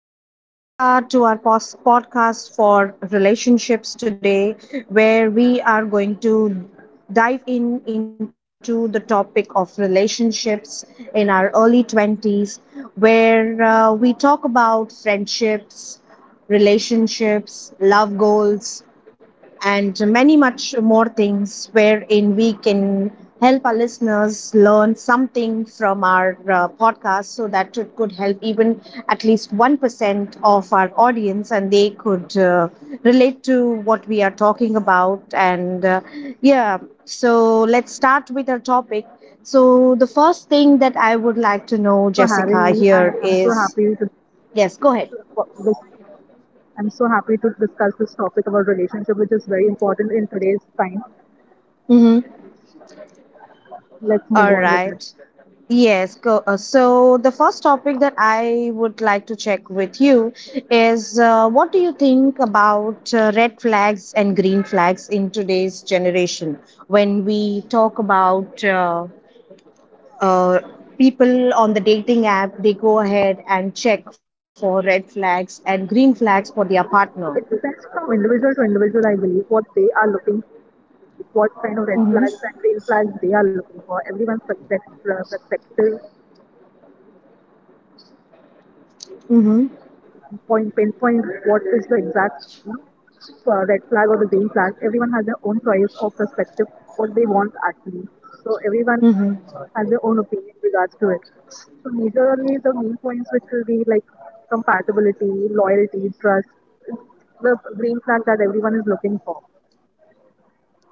welcome, Jessica, to our podcast for relationships today, where we are going to dive in into the topic of relationships in our early 20s, where we talk about friendships, relationships, love goals, and many much more things wherein we can help our listeners learn something from our podcast so that it could help even at least 1% of our audience and they could relate to what we are talking about and yeah, so let's start with our topic. So the Thank first you so thing much for that I having would me. like I to know, am so happy Jessica, to here is discuss yes, go this. I'm so happy to discuss this topic about relationship, which is very important in today's time. ahead. Let's move on All with it. right. Yes, go. So the first topic that I would like to check with you is what do you think about red flags and green flags in today's generation when we talk about uh, people on the dating app. They go ahead and check for red flags and green flags for their It depends partner. from individual to individual, I believe, what they are looking for. It's like what kind of red flags Mm-hmm. and green flags they are looking for. Everyone's perspective, perspectives and opinions are different. So I cannot point Mm-hmm. pinpoint what is the exact red flag or the green flag. Everyone has their own choice or perspective what they want actually. So everyone has Mm-hmm. their own opinion regards to it. So majorly the main points which will be like compatibility, loyalty, trust, is the green flag that everyone is looking for.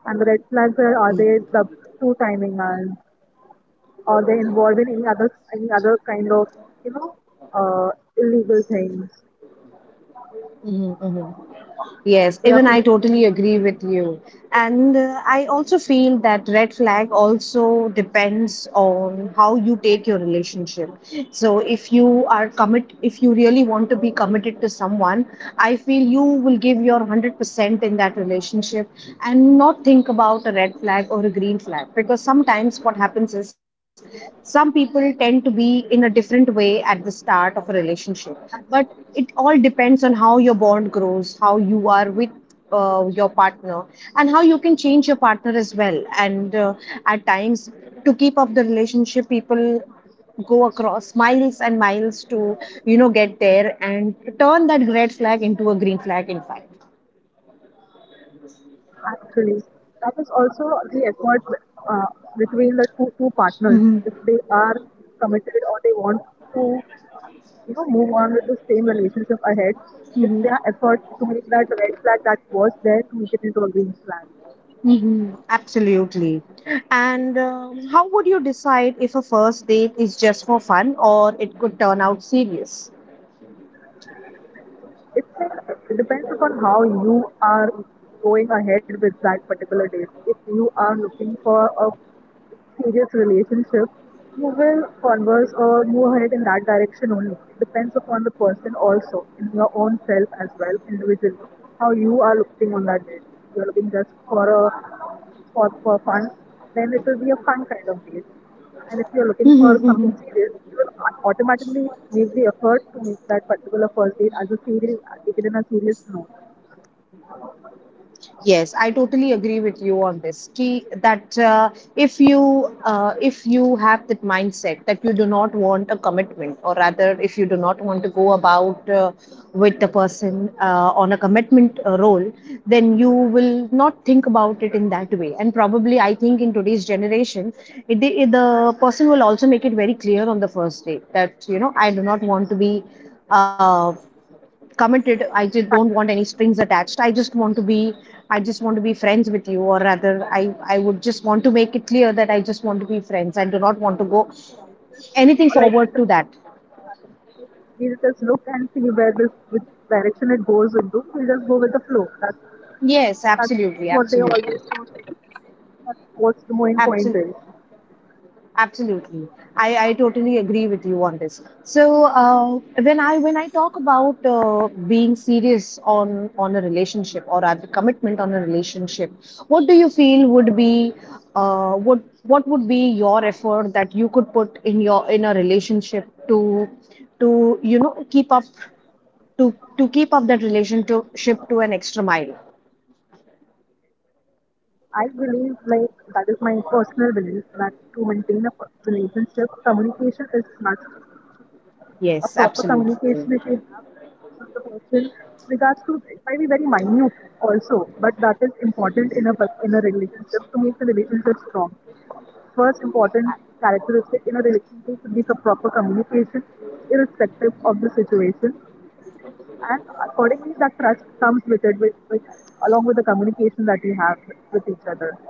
And the red flags are they Mm-hmm. the two timing us? Are they involved in any other kind of you know uh, illegal things? Mm-hmm. Or Yes, There are even I people totally agree with you. And I also feel that red flag also depends on how you take your relationship. So if you are commit if you really want to be committed to someone, I feel you will give your 100% in that relationship and not think about a red flag or a green flag, because sometimes what happens is some people tend to be in a different way at the start of a relationship. But it all depends on how your bond grows, how you are with your partner, and how you can change your partner as well. And at times, to keep up the relationship, people go across miles and miles to, you know, get there and turn that red flag into a green flag, in fact. Actually, that is also the effort uh, between the two partners. If they are Mm-hmm. committed or they want to, you know, move on with the same relationship ahead, if they are effort to make Mm-hmm. that red flag that was there to make it into a green flag. Mm-hmm. Absolutely. And how would you decide if a first date is just for fun or it could turn out serious? It, it depends upon how you are going ahead with that particular date. If you are looking for a serious relationship, you will converse or move ahead in that direction only. It depends upon the person also, in your own self as well, individually, how you are looking on that date. You're looking just for a for fun, then it will be a fun kind of base. And if you're looking for something serious, you will automatically make the effort to make that particular first date as a serious, take it in a serious note. Yes, I totally agree with you on this. T that If you if you have that mindset that you do not want a commitment, or rather, if you do not want to go about with the person on a commitment role, then you will not think about it in that way. And probably, I think in today's generation, the person will also make it very clear on the first date that, you know, I do not want to be. Uh, Committed, I just don't want any strings attached. I just want to be I just want to be friends with you. Or rather, i I would just want to make it clear that I just want to be friends. I do not want to go anything Or like forward to that. we'll just look and see where this which direction it goes into. We'll just go with the flow. Yes, That's absolutely, what they absolutely. always do. That's what's the main point Absolutely. is. Absolutely, I totally agree with you on this. So when I talk about being serious on a relationship or rather commitment on a relationship, what do you feel would be what would be your effort that you could put in your in a relationship to you know, keep up to keep up that relationship to an extra mile? I believe, like, that is my personal belief that to maintain a relationship, communication is must. A Yes, proper absolutely. communication, if you have of the person regards to it might be very minute also, but that is important in a in a relationship to make the relationship strong. First important characteristic in a relationship should be the proper communication irrespective of the situation, and accordingly that trust comes with it with along with the communication that you have with each other.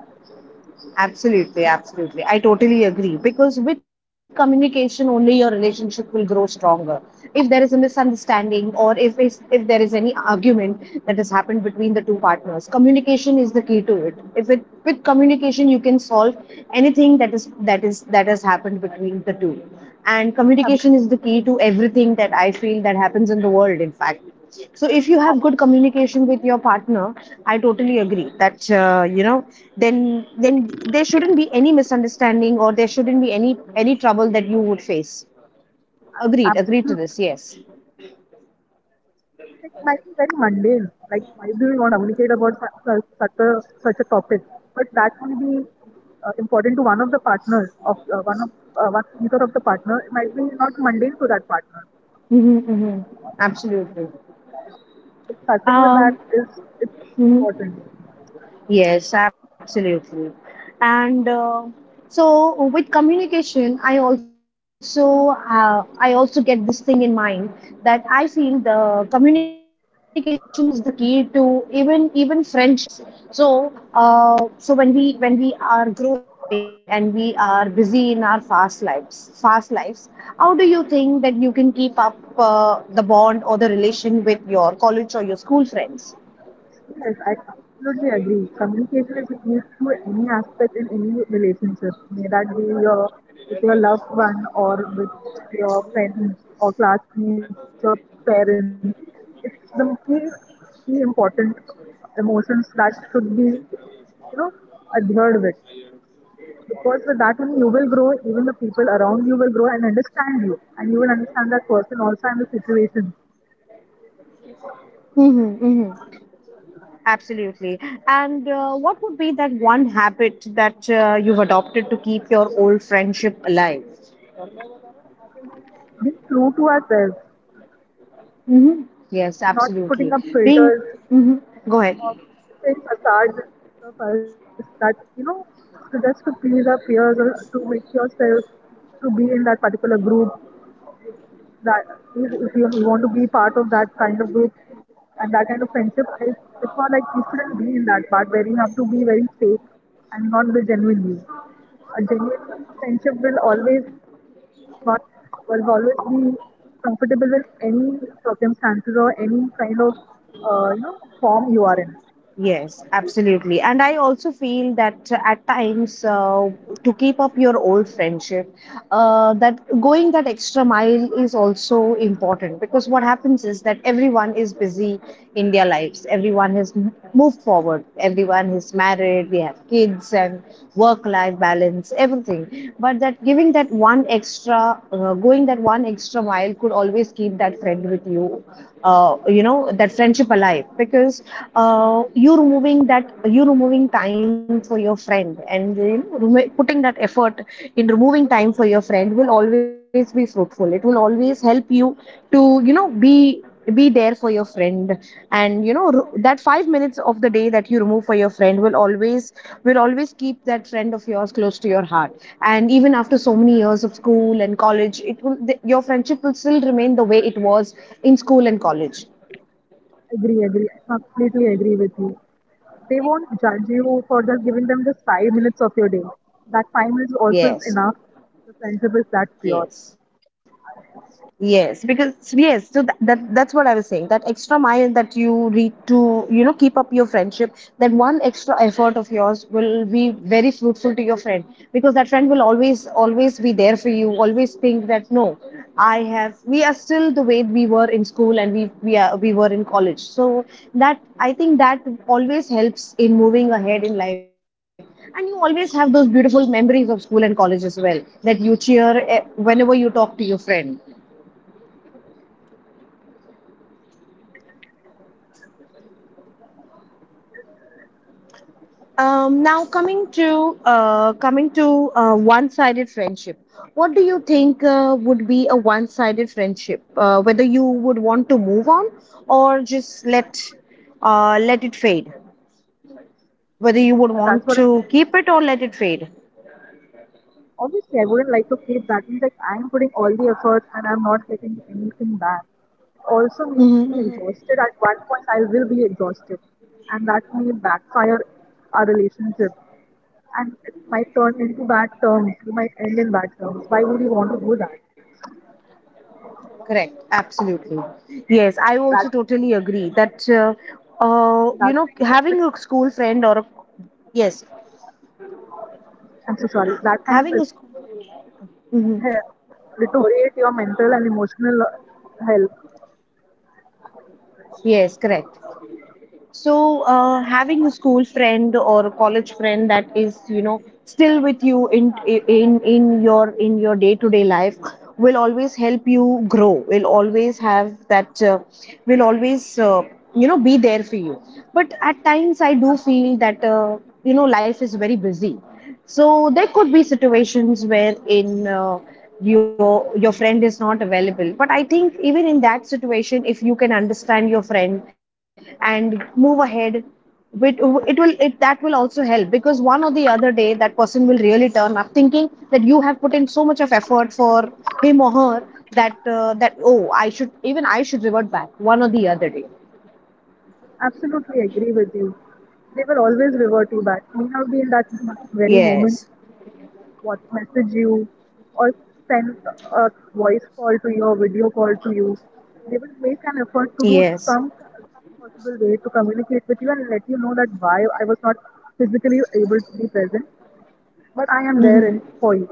Absolutely, absolutely. I totally agree, because with communication only your relationship will grow stronger. If there is a misunderstanding or if there is any argument that has happened between the two partners, communication is the key to it. If it With communication you can solve anything that is that is that has happened between the two. And communication is the key Ab- to everything that I feel that happens in the world, in fact. So if you have good communication with your partner, I totally agree that you know, then there shouldn't be any misunderstanding or there shouldn't be any trouble that you would face. Agreed, agreed to this. Yes. Absolutely, it might be very mundane. Like, why do we want to even communicate about such a such a topic? But that may be important to one of the partners of one of one, either of the partner. It might be not mundane to that partner. Mm-hmm, mm-hmm. Absolutely. Starting with that Um, is it's important. mhm. Yes, absolutely. And so with communication, I also I also get this thing in mind, that I feel the communication is the key to even friendships. So so when we are growing and we are busy in our fast lives, how do you think that you can keep up the bond or the relation with your college or your school friends? Yes, I absolutely agree. Communication is key to any aspect in any relationship, may that be your with your loved one or with your friends or classmates, your parents. It's key important emotions that should be, you know, adhered with. Because with that only you will grow, even the people around you will grow and understand you. And you will understand that person also and the situation. Mm-hmm, mm-hmm. Absolutely. And what would be that one habit that you've adopted to keep your old friendship alive? Being true to ourselves, Hmm. Yes, not putting absolutely. up Being, filters hmm, go ahead. of fake facades in front of us that you know to just to please our peers or to make yourself to be in that particular group that if you want to be part of that kind of group and that kind of friendship it's not like you shouldn't be in that part where you have to be very fake and not the genuine you. A genuine friendship will always not will always be comfortable with any circumstances or any kind of you know form you are in. Yes, absolutely. And I also feel that at times, to keep up your old friendship, that going that extra mile is also important, because what happens is that everyone is busy in their lives. Everyone has moved forward. Everyone is married. They have kids and work-life balance, everything. But that giving that one extra, going that one extra mile, could always keep that friend with you, you know, that friendship alive, because you're removing that you're removing time for your friend. And, you know, putting that effort in removing time for your friend will always be fruitful. It will always help you to, you know, be there for your friend. And, you know, that 5 minutes of the day that you remove for your friend will always keep that friend of yours close to your heart. And even after so many years of school and college, your friendship will still remain the way it was in school and college. Agree. I completely agree with you. They won't judge you for just giving them just 5 minutes of your day. Yes. That 5 minutes also is enough. Yes. The friendship is that pure. Yes, because, so, yes, so that's what I was saying. That extra mile that you read to, you know, keep up your friendship, that one extra effort of yours will be very fruitful to your friend, because that friend will always be there for you, always think that no, I have, we are still the way we were in school, and we are, we were in college. So that I think that always helps in moving ahead in life. And you always have those beautiful memories of school and college as well, that you cheer, eh, whenever you talk to your friend. Now coming to one-sided friendship, what do you think would be a one-sided friendship? Whether you would want to move on or just let let it fade. Whether you would And That's what. want to keep it or let it fade. Obviously, I wouldn't like to keep that. Means like I'm putting all the effort and I'm not getting anything back. Also makes Mhm, me mhm. exhausted. At one point, I will be exhausted, and that may backfire our relationship, and it might turn into bad terms. We might end in bad terms. Why would you want to do that? Correct, absolutely. Yes, I also That totally agree that you know, That kind having of, a school friend or a yes I'm so sorry. having That a kind school. of relationship he- deteriorate your mental and emotional health. Yes, correct. So, having a school friend or a college friend that is, you know, still with you in in your in your day-to-day life will always help you grow. Will always have that. Will always, you know, be there for you. But at times, I do feel that you know, life is very busy, so there could be situations where in your friend is not available. But I think even in that situation, if you can understand your friend and move ahead with, it, that will also help, because one or the other day that person will really turn up thinking that you have put in so much of effort for him or her, that that, oh, I should, even I should revert back one or the other day. Absolutely agree with you. They will always revert you back. May not be in that very moment. Yes. What message you or send a voice call to you or video call to you. They will make an effort to do Yes. Some possible way to communicate with you and let you know that why I was not physically able to be present, but I am there Mm-hmm. in, for you.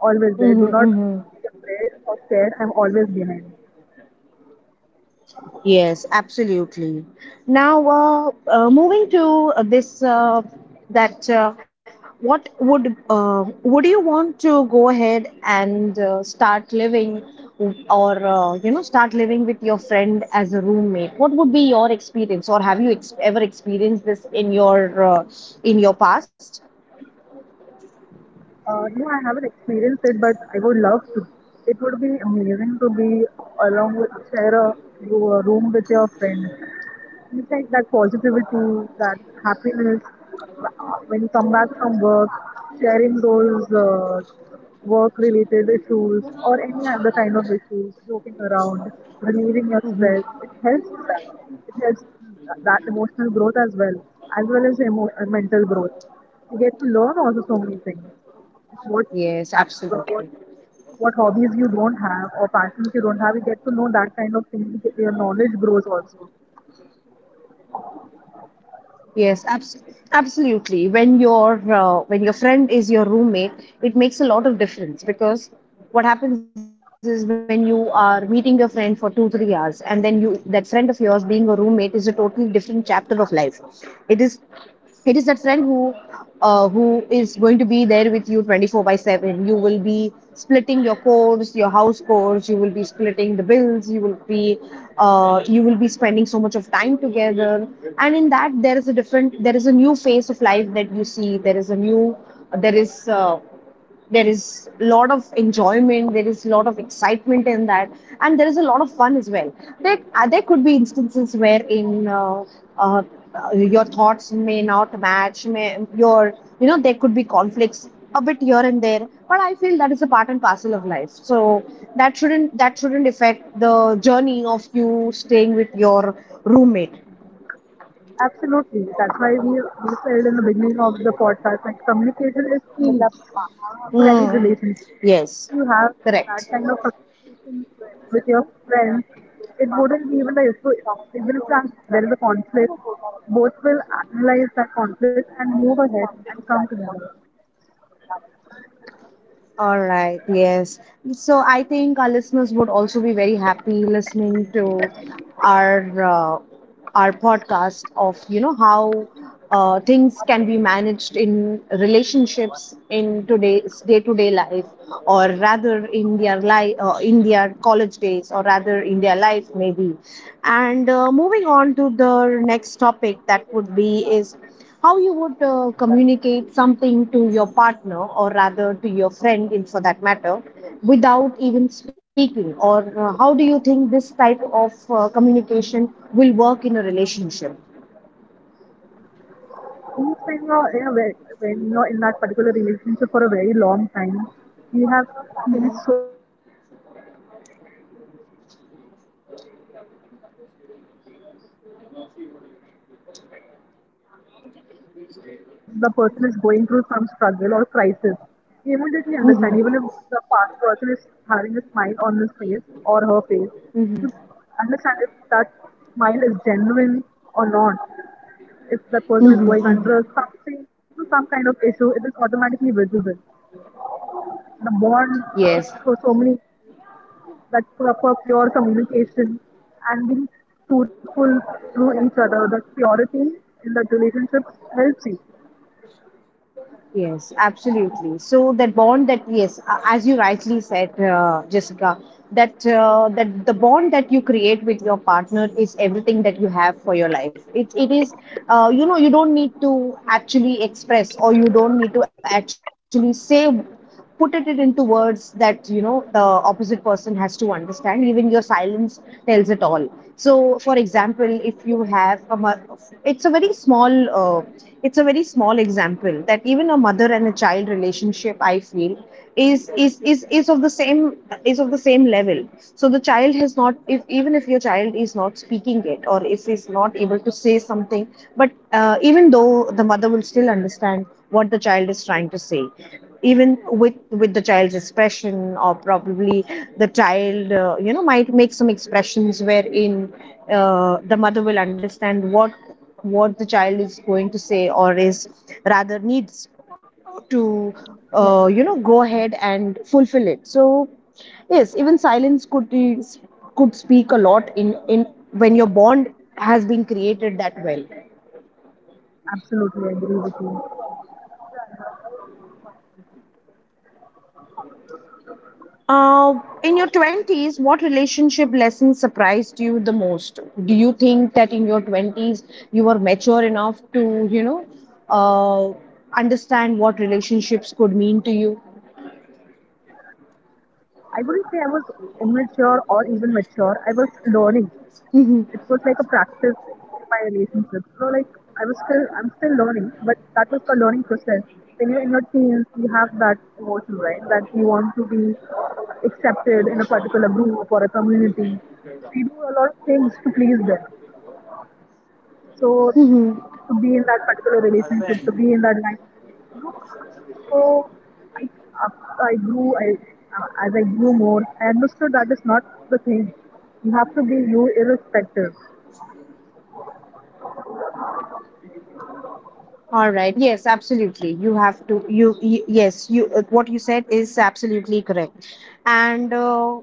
Always there. Mm-hmm. Do not Mm-hmm. be afraid or scared. I'm always behind. Yes, absolutely. Now, moving to this, that what would you want to go ahead and start living, or you know, start living with your friend as a roommate? What would be your experience, or have you ever experienced this in your past? No, I haven't experienced it, but I would love to. It would be amazing to be along with share a room with your friends. You think that positivity, that happiness, when you come back from work, sharing those work-related issues or any other kind of issues, joking around, relieving your Hmm. stress. It helps with that. It helps that emotional growth as well, as well as mental growth. You get to learn also so many things. What Yes, what absolutely. what hobbies you don't have or passions you don't have, you get to know that kind of thing. Your knowledge grows also. Yes, abs- Absolutely. When your friend is your roommate, it makes a lot of difference. Because what happens is, when you are meeting your friend for 2-3 hours, and then you, that friend of yours being a roommate, is a totally different chapter of life. It is it is that friend who is going to be there with you 24 by 7. You will be splitting your chores, your house chores. You will be splitting the bills. You will be you will be spending so much of time together, and in that there is a new phase of life that you see. There is a new there is uh, there is a lot of enjoyment, there is a lot of excitement in that, and there is a lot of fun as well. There could be instances where in uh, your thoughts may not match. May, your You know, there could be conflicts a bit here and there, but I feel that is a part and parcel of life, so that shouldn't affect the journey of you staying with your roommate. Absolutely. That's why we said in the beginning of the podcast, like communication is key for any mm. relationship. Yes, You have that correct. kind of communication with your friends, it wouldn't be even the issue. Even if there is a conflict, both will analyze that conflict and move ahead and come together. All right, yes. So I think our listeners would also be very happy listening to our uh, our podcast of, you know, how things can be managed in relationships in today's day-to-day life, or rather in their life, in their college days, or rather in their life maybe. And moving on to the next topic, that would be is how you would communicate something to your partner, or rather to your friend, in for that matter, without even speaking, or how do you think this type of communication will work in a relationship? Means when you're in a when you're in that particular relationship for a very long time, you have faced so many ups and downs. You automatically understand by just by a little change in the facial feature or a movement or a body language, you understand if the person is going through some struggle or crisis. You immediately understand, Mm-hmm. even if the past person is having a smile on his face or her face, you Hmm. understand if that smile is genuine or not if that person Hmm. is going under Hmm. something, some kind of issue, it is automatically visible. The bond Yes. for so many that proper pure communication and being truthful to each other, that purity in that relationship helps you. Yes, absolutely. So that bond that yes, as you rightly said, Jessica, that that the bond that you create with your partner is everything that you have for your life. It is, you know, you don't need to actually express, or you don't need to actually say, put it into words, that you know the opposite person has to understand. Even your silence tells it all. So, for example, if you have a mo-, it's a very small uh, it's a very small example that even a mother and a child relationship, I feel, is of the same is of the same level. So the child has not, if even if your child is not speaking it, or if is not able to say something, but even though the mother will still understand what the child is trying to say, even with the child's expression, or probably the child, you know, might make some expressions wherein the mother will understand what the child is going to say or is rather needs to you know, go ahead and fulfill it. So yes, even silence could be, could speak a lot in when your bond has been created that well. Absolutely, I agree with you. Uh, in your 20s, what relationship lesson surprised you the most? Do you think that in your 20s you were mature enough to, you know, uh, understand what relationships could mean to you? I wouldn't say I was immature or even mature. I was learning. It was like Mhm. a practice in my relationship. So like I was still I'm still learning, but that was the learning process. When you're in your teens, you have that emotion, right? That you want to be accepted in a particular group or a community. So you do a lot of things to please them. So Mhm. to be in that particular relationship, to be in that line. So I, after I grew, I, as I grew more, I understood that is not the thing. You have to be you irrespective. All right. Yes, absolutely. You have to. Yes. You. What you said is absolutely correct. And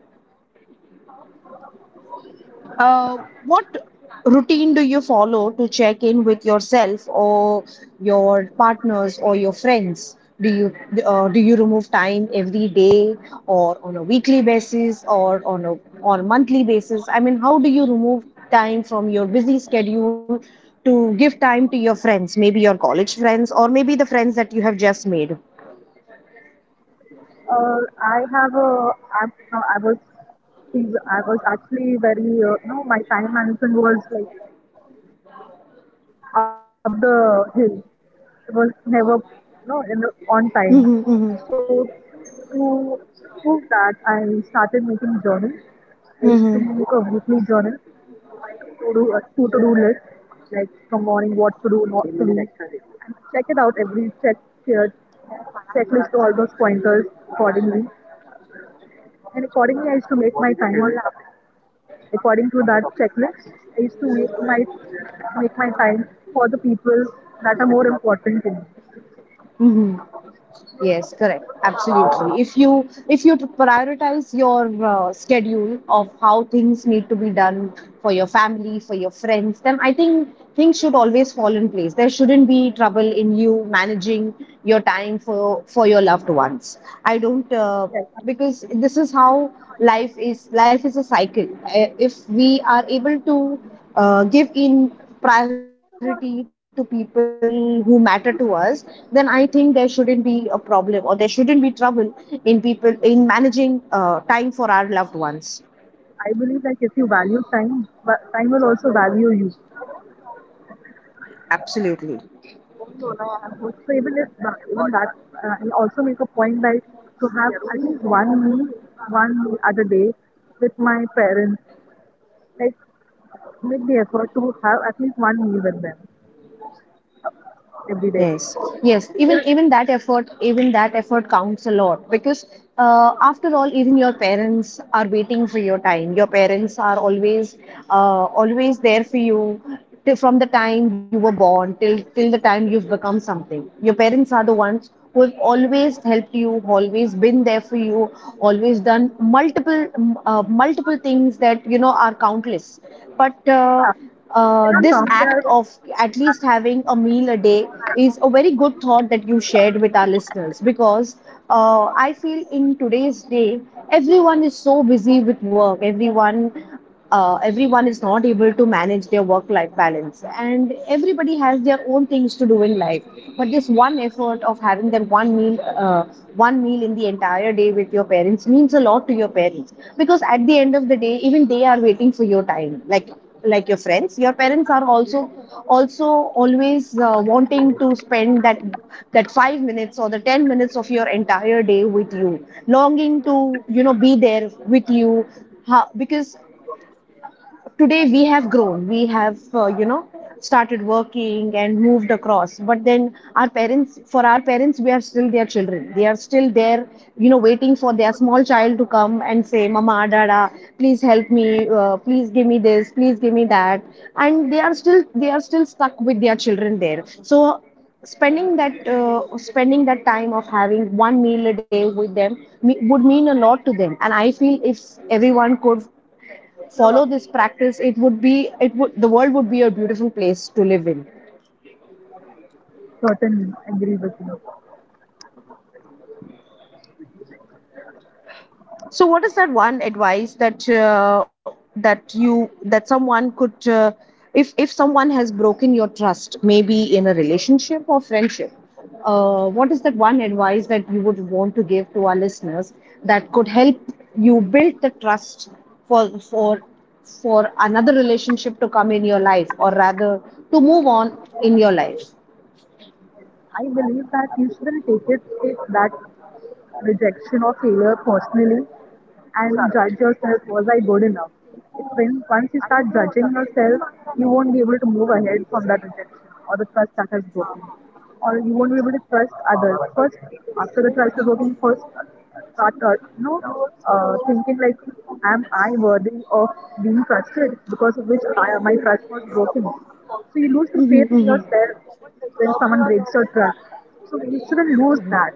Uh, what routine do you follow to check in with yourself or your partners or your friends? Do you remove time every day, or on a weekly basis, or on a monthly basis? I mean, how do you remove time from your busy schedule to give time to your friends, maybe your college friends or maybe the friends that you have just made? I have a. I, no, I was. I was actually very. You know, my time management was like up the hill. It was never, no, know, in the, on time. So Mm-hmm, mm-hmm, to prove that, I started making journal. I used to make a mm-hmm, weekly journal, like to do a two to do list, like from morning what to do, not to do, and check it out here, checklist all those pointers accordingly. And accordingly, I used to make my time. According to that checklist, I used to make my time for the people that are more important to me. mm-hmm. Yes, correct. Absolutely. If you prioritize your schedule of how things need to be done for your family, for your friends, then I think things should always fall in place. There shouldn't be trouble in you managing your time for your loved ones. I don't Yes, because this is how life is. Life is a cycle. If we are able to give in priority to people who matter to us, then I think there shouldn't be a problem, or there shouldn't be trouble in people in managing time for our loved ones. I believe that if you value time, time will also value you. Absolutely. So even if even that, I also make a point that to have at least one meal at a day with my parents. Like make the effort to have at least one meal with them every Yes, day. yes. Even that effort, even that effort counts a lot because after all, even your parents are waiting for your time. Your parents are always always there for you till, from the time you were born till the time you've become something. Your parents are the ones who have always helped you, always been there for you, always done multiple multiple things that, you know, are countless. But Yeah, I this cannot act count of their at least having a meal a day is a very good thought that you shared with our listeners because I feel in today's day everyone is so busy with work. Everyone, everyone is not able to manage their work-life balance, and everybody has their own things to do in life. But this one effort of having that one meal in the entire day with your parents means a lot to your parents because at the end of the day, even they are waiting for your time. Like your friends, your parents are also also always wanting to spend that 5 minutes or the 10 minutes of your entire day with you, longing to, you know, be there with you. Ha- because today we have grown. We have, you know, started working and moved across, but then our parents, for our parents, we are still their children. They are still there, you know, waiting for their small child to come and say mama, dada, please help me, please give me this, please give me that. And they are still stuck with their children there. So spending that time of having one meal a day with them me- would mean a lot to them. And I feel if everyone could follow this practice, it would be, it would, the world would be a beautiful place to live in. certainly agree with you. So, what is that one advice that that you that someone could, if someone has broken your trust, maybe in a relationship or friendship, what is that one advice that you would want to give to our listeners that could help you build the trust for for another relationship to come in your life, or rather to move on in your life? I believe that you shouldn't take that rejection or failure personally and judge yourself. Was I good enough? It's when once you start judging yourself, you won't be able to move ahead from that rejection or the trust that has broken, or you won't be able to trust others first after the trust is broken. First start you know thinking like am I worthy of being trusted because of which my trust was broken. So you lose the faith in Mm-hmm, mm-hmm. yourself when someone breaks your trust, so you shouldn't lose that.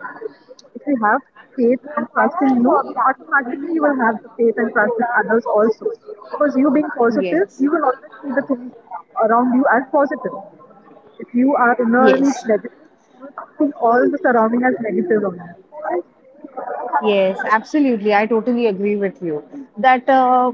If you have faith and trust in you, automatically you will have the faith and trust in others also. Because you being positive, you will Yes, always see the things around you as positive. If you are innerly negative, yes, think all the surrounding as negative only. yes, absolutely. I totally agree with you that uh,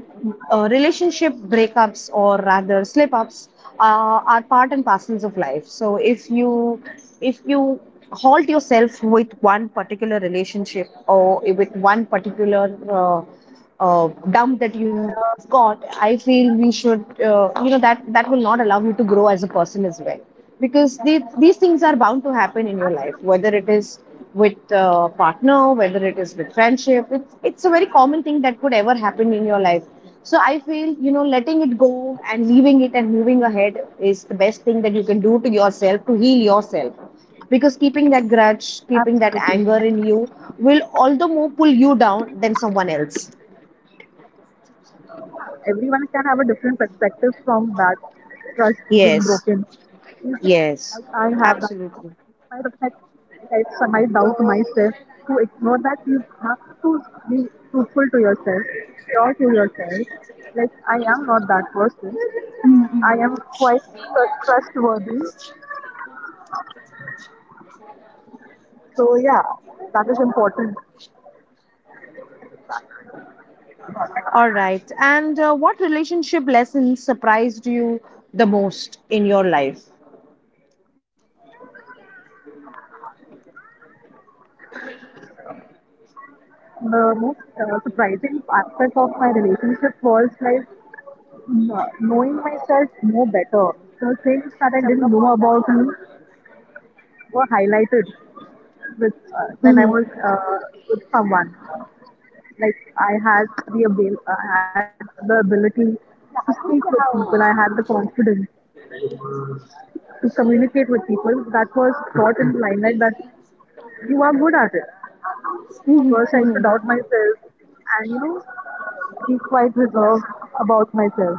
uh, relationship breakups, or rather slip ups, are part and parcels of life. So if you if you halt yourself with one particular relationship or with one particular dump that you have got, I feel we should, you know, that will not allow you to grow as a person as well. Because these things are bound to happen in your life, whether it is with partner, whether it is with friendship. It's a very common thing that could ever happen in your life. So I feel, you know, letting it go and leaving it and moving ahead is the best thing that you can do to yourself, to heal yourself. Because keeping that grudge, keeping that Absolutely. anger in you will all the more pull you down than someone else. Everyone can have a different perspective from that trust being Yes, broken. You say, yes, like I have that, absolutely. my reflect, like I doubt myself. To ignore that, you have to be truthful to yourself, pure to yourself. Like I am not that person. I am quite trustworthy. So yeah, that is important. All right. And what relationship lesson surprised you the most in your life? The most surprising aspect of my relationship was like, yeah, knowing myself more better. The things that I didn't know about me were highlighted with when I Hmm. was with someone. Like I had the ability to speak with people. I had the confidence to communicate with people. That was brought in the limelight that you are good at it. Hmm. First, I used to Hmm. doubt myself and you know be quite reserved about myself.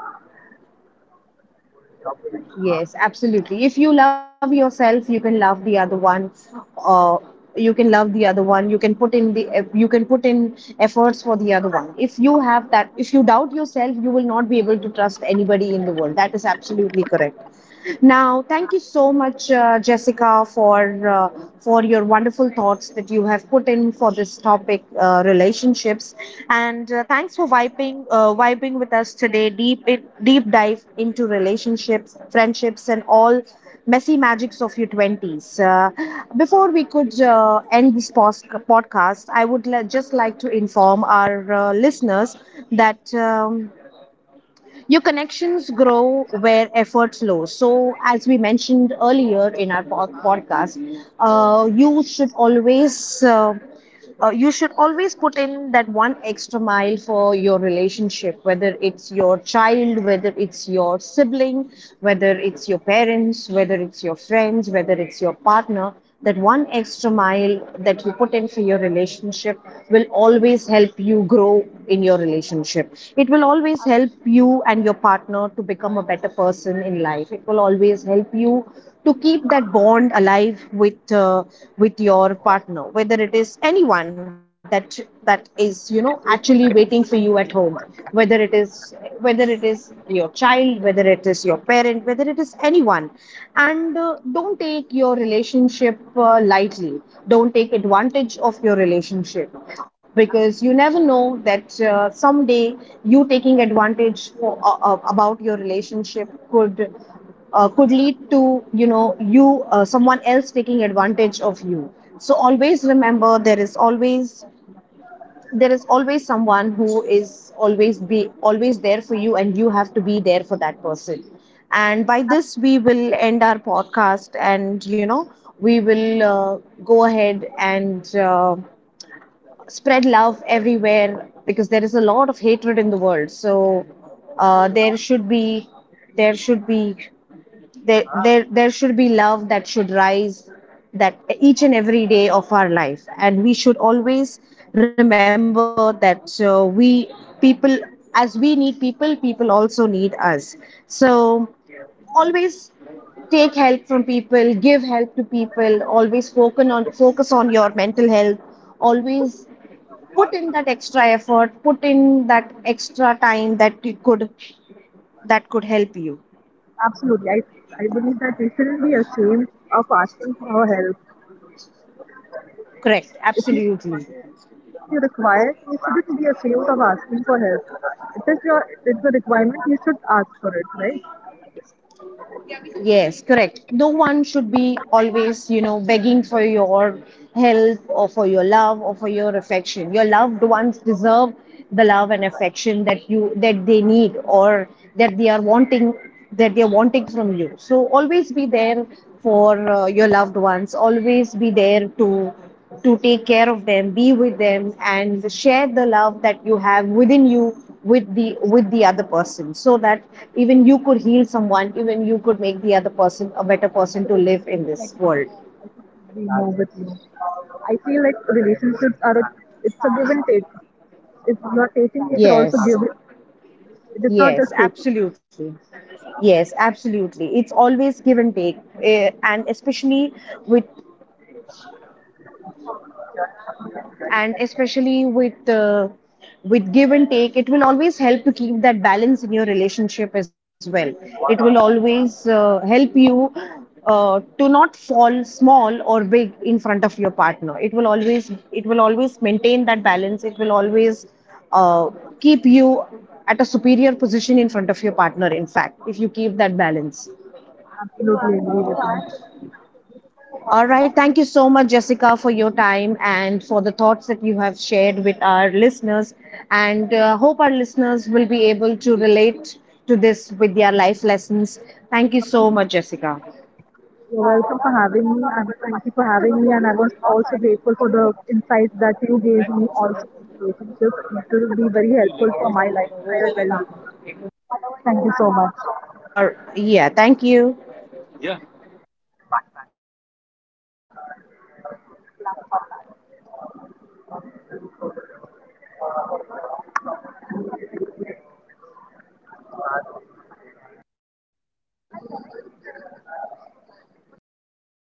Yes, absolutely. If you love yourself, you can love the other one. Uh, you can love the other one. You can put in the, you can put in efforts for the other one. If you have that, if you doubt yourself, you will not be able to trust anybody in the world. That is absolutely correct. Now, thank you so much, Jessica, for your wonderful thoughts that you have put in for this topic, relationships. And thanks for vibing, vibing with us today. Deep, in, deep dive into relationships, friendships, and all messy magics of your 20s. Before we could end this post podcast, I would just like to inform our listeners that. Your connections grow where efforts low. So, as we mentioned earlier in our podcast, uh, you should always uh, you should always put in that one extra mile for your relationship, whether it's your child, whether it's your sibling, whether it's your parents, whether it's your friends, whether it's your partner. That one extra mile that you put in for your relationship will always help you grow in your relationship. It will always help you and your partner to become a better person in life. It will always help you to keep that bond alive with your partner, whether it is anyone that is, you know, actually waiting for you at home, whether it is your child, whether it is your parent, whether it is anyone. And don't take your relationship lightly. Don't take advantage of your relationship because you never know that someday you taking advantage for, about your relationship could lead to, you know, you someone else taking advantage of you. So always remember there is always someone who is always be always there for you, and you have to be there for that person. And by this we will end our podcast, and, you know, we will go ahead and spread love everywhere because there is a lot of hatred in the world. So there should be there should be there there there should be love that should rise that each and every day of our life. And we should always remember that we people, as we need people, people also need us. So always take help from people, give help to people. Always focus on your mental health. Always put in that extra effort, put in that extra time that you could, that could help you. Absolutely, I believe that we shouldn't be ashamed of asking for help. Correct, If you absolutely. require, if you require, you shouldn't be ashamed of asking for help. It is it's a requirement. You should ask for it, right? Yes, correct. No one should be always, you know, begging for your help or for your love or for your affection. Your loved ones deserve the love and affection that you that they need, or that they are wanting that they are wanting from you. So always be there for your loved ones. Always be there to take care of them, be with them, and share the love that you have within you with the other person, so that even you could heal someone, even you could make the other person a better person So to live in basically, like this you world. know, I should be more with you. I feel like relationships are it's a give and take. If you are taking, you should also Yes, give it. It is not just yes, taking. absolutely. Yes, absolutely, it's always give and take. And especially with, and especially with give and take, it will always help to keep that balance in your relationship as well. It will always help you to not fall small or big in front of your partner. It will always maintain that balance. It will always uh, keep you at a superior position in front of your partner, in fact, if you keep that balance. Absolutely agree with you. All right. Thank you so much, Jessica, for your time and for the thoughts that you have shared with our listeners. And hope our listeners will be able to relate to this with their life lessons. Thank you so much, Jessica. You're welcome for having me, and thank you for having me. And I was also grateful for the insights that you gave me also in relationships. It will be very helpful for my lifestyle well. Thank you so much. Our, yeah, thank you.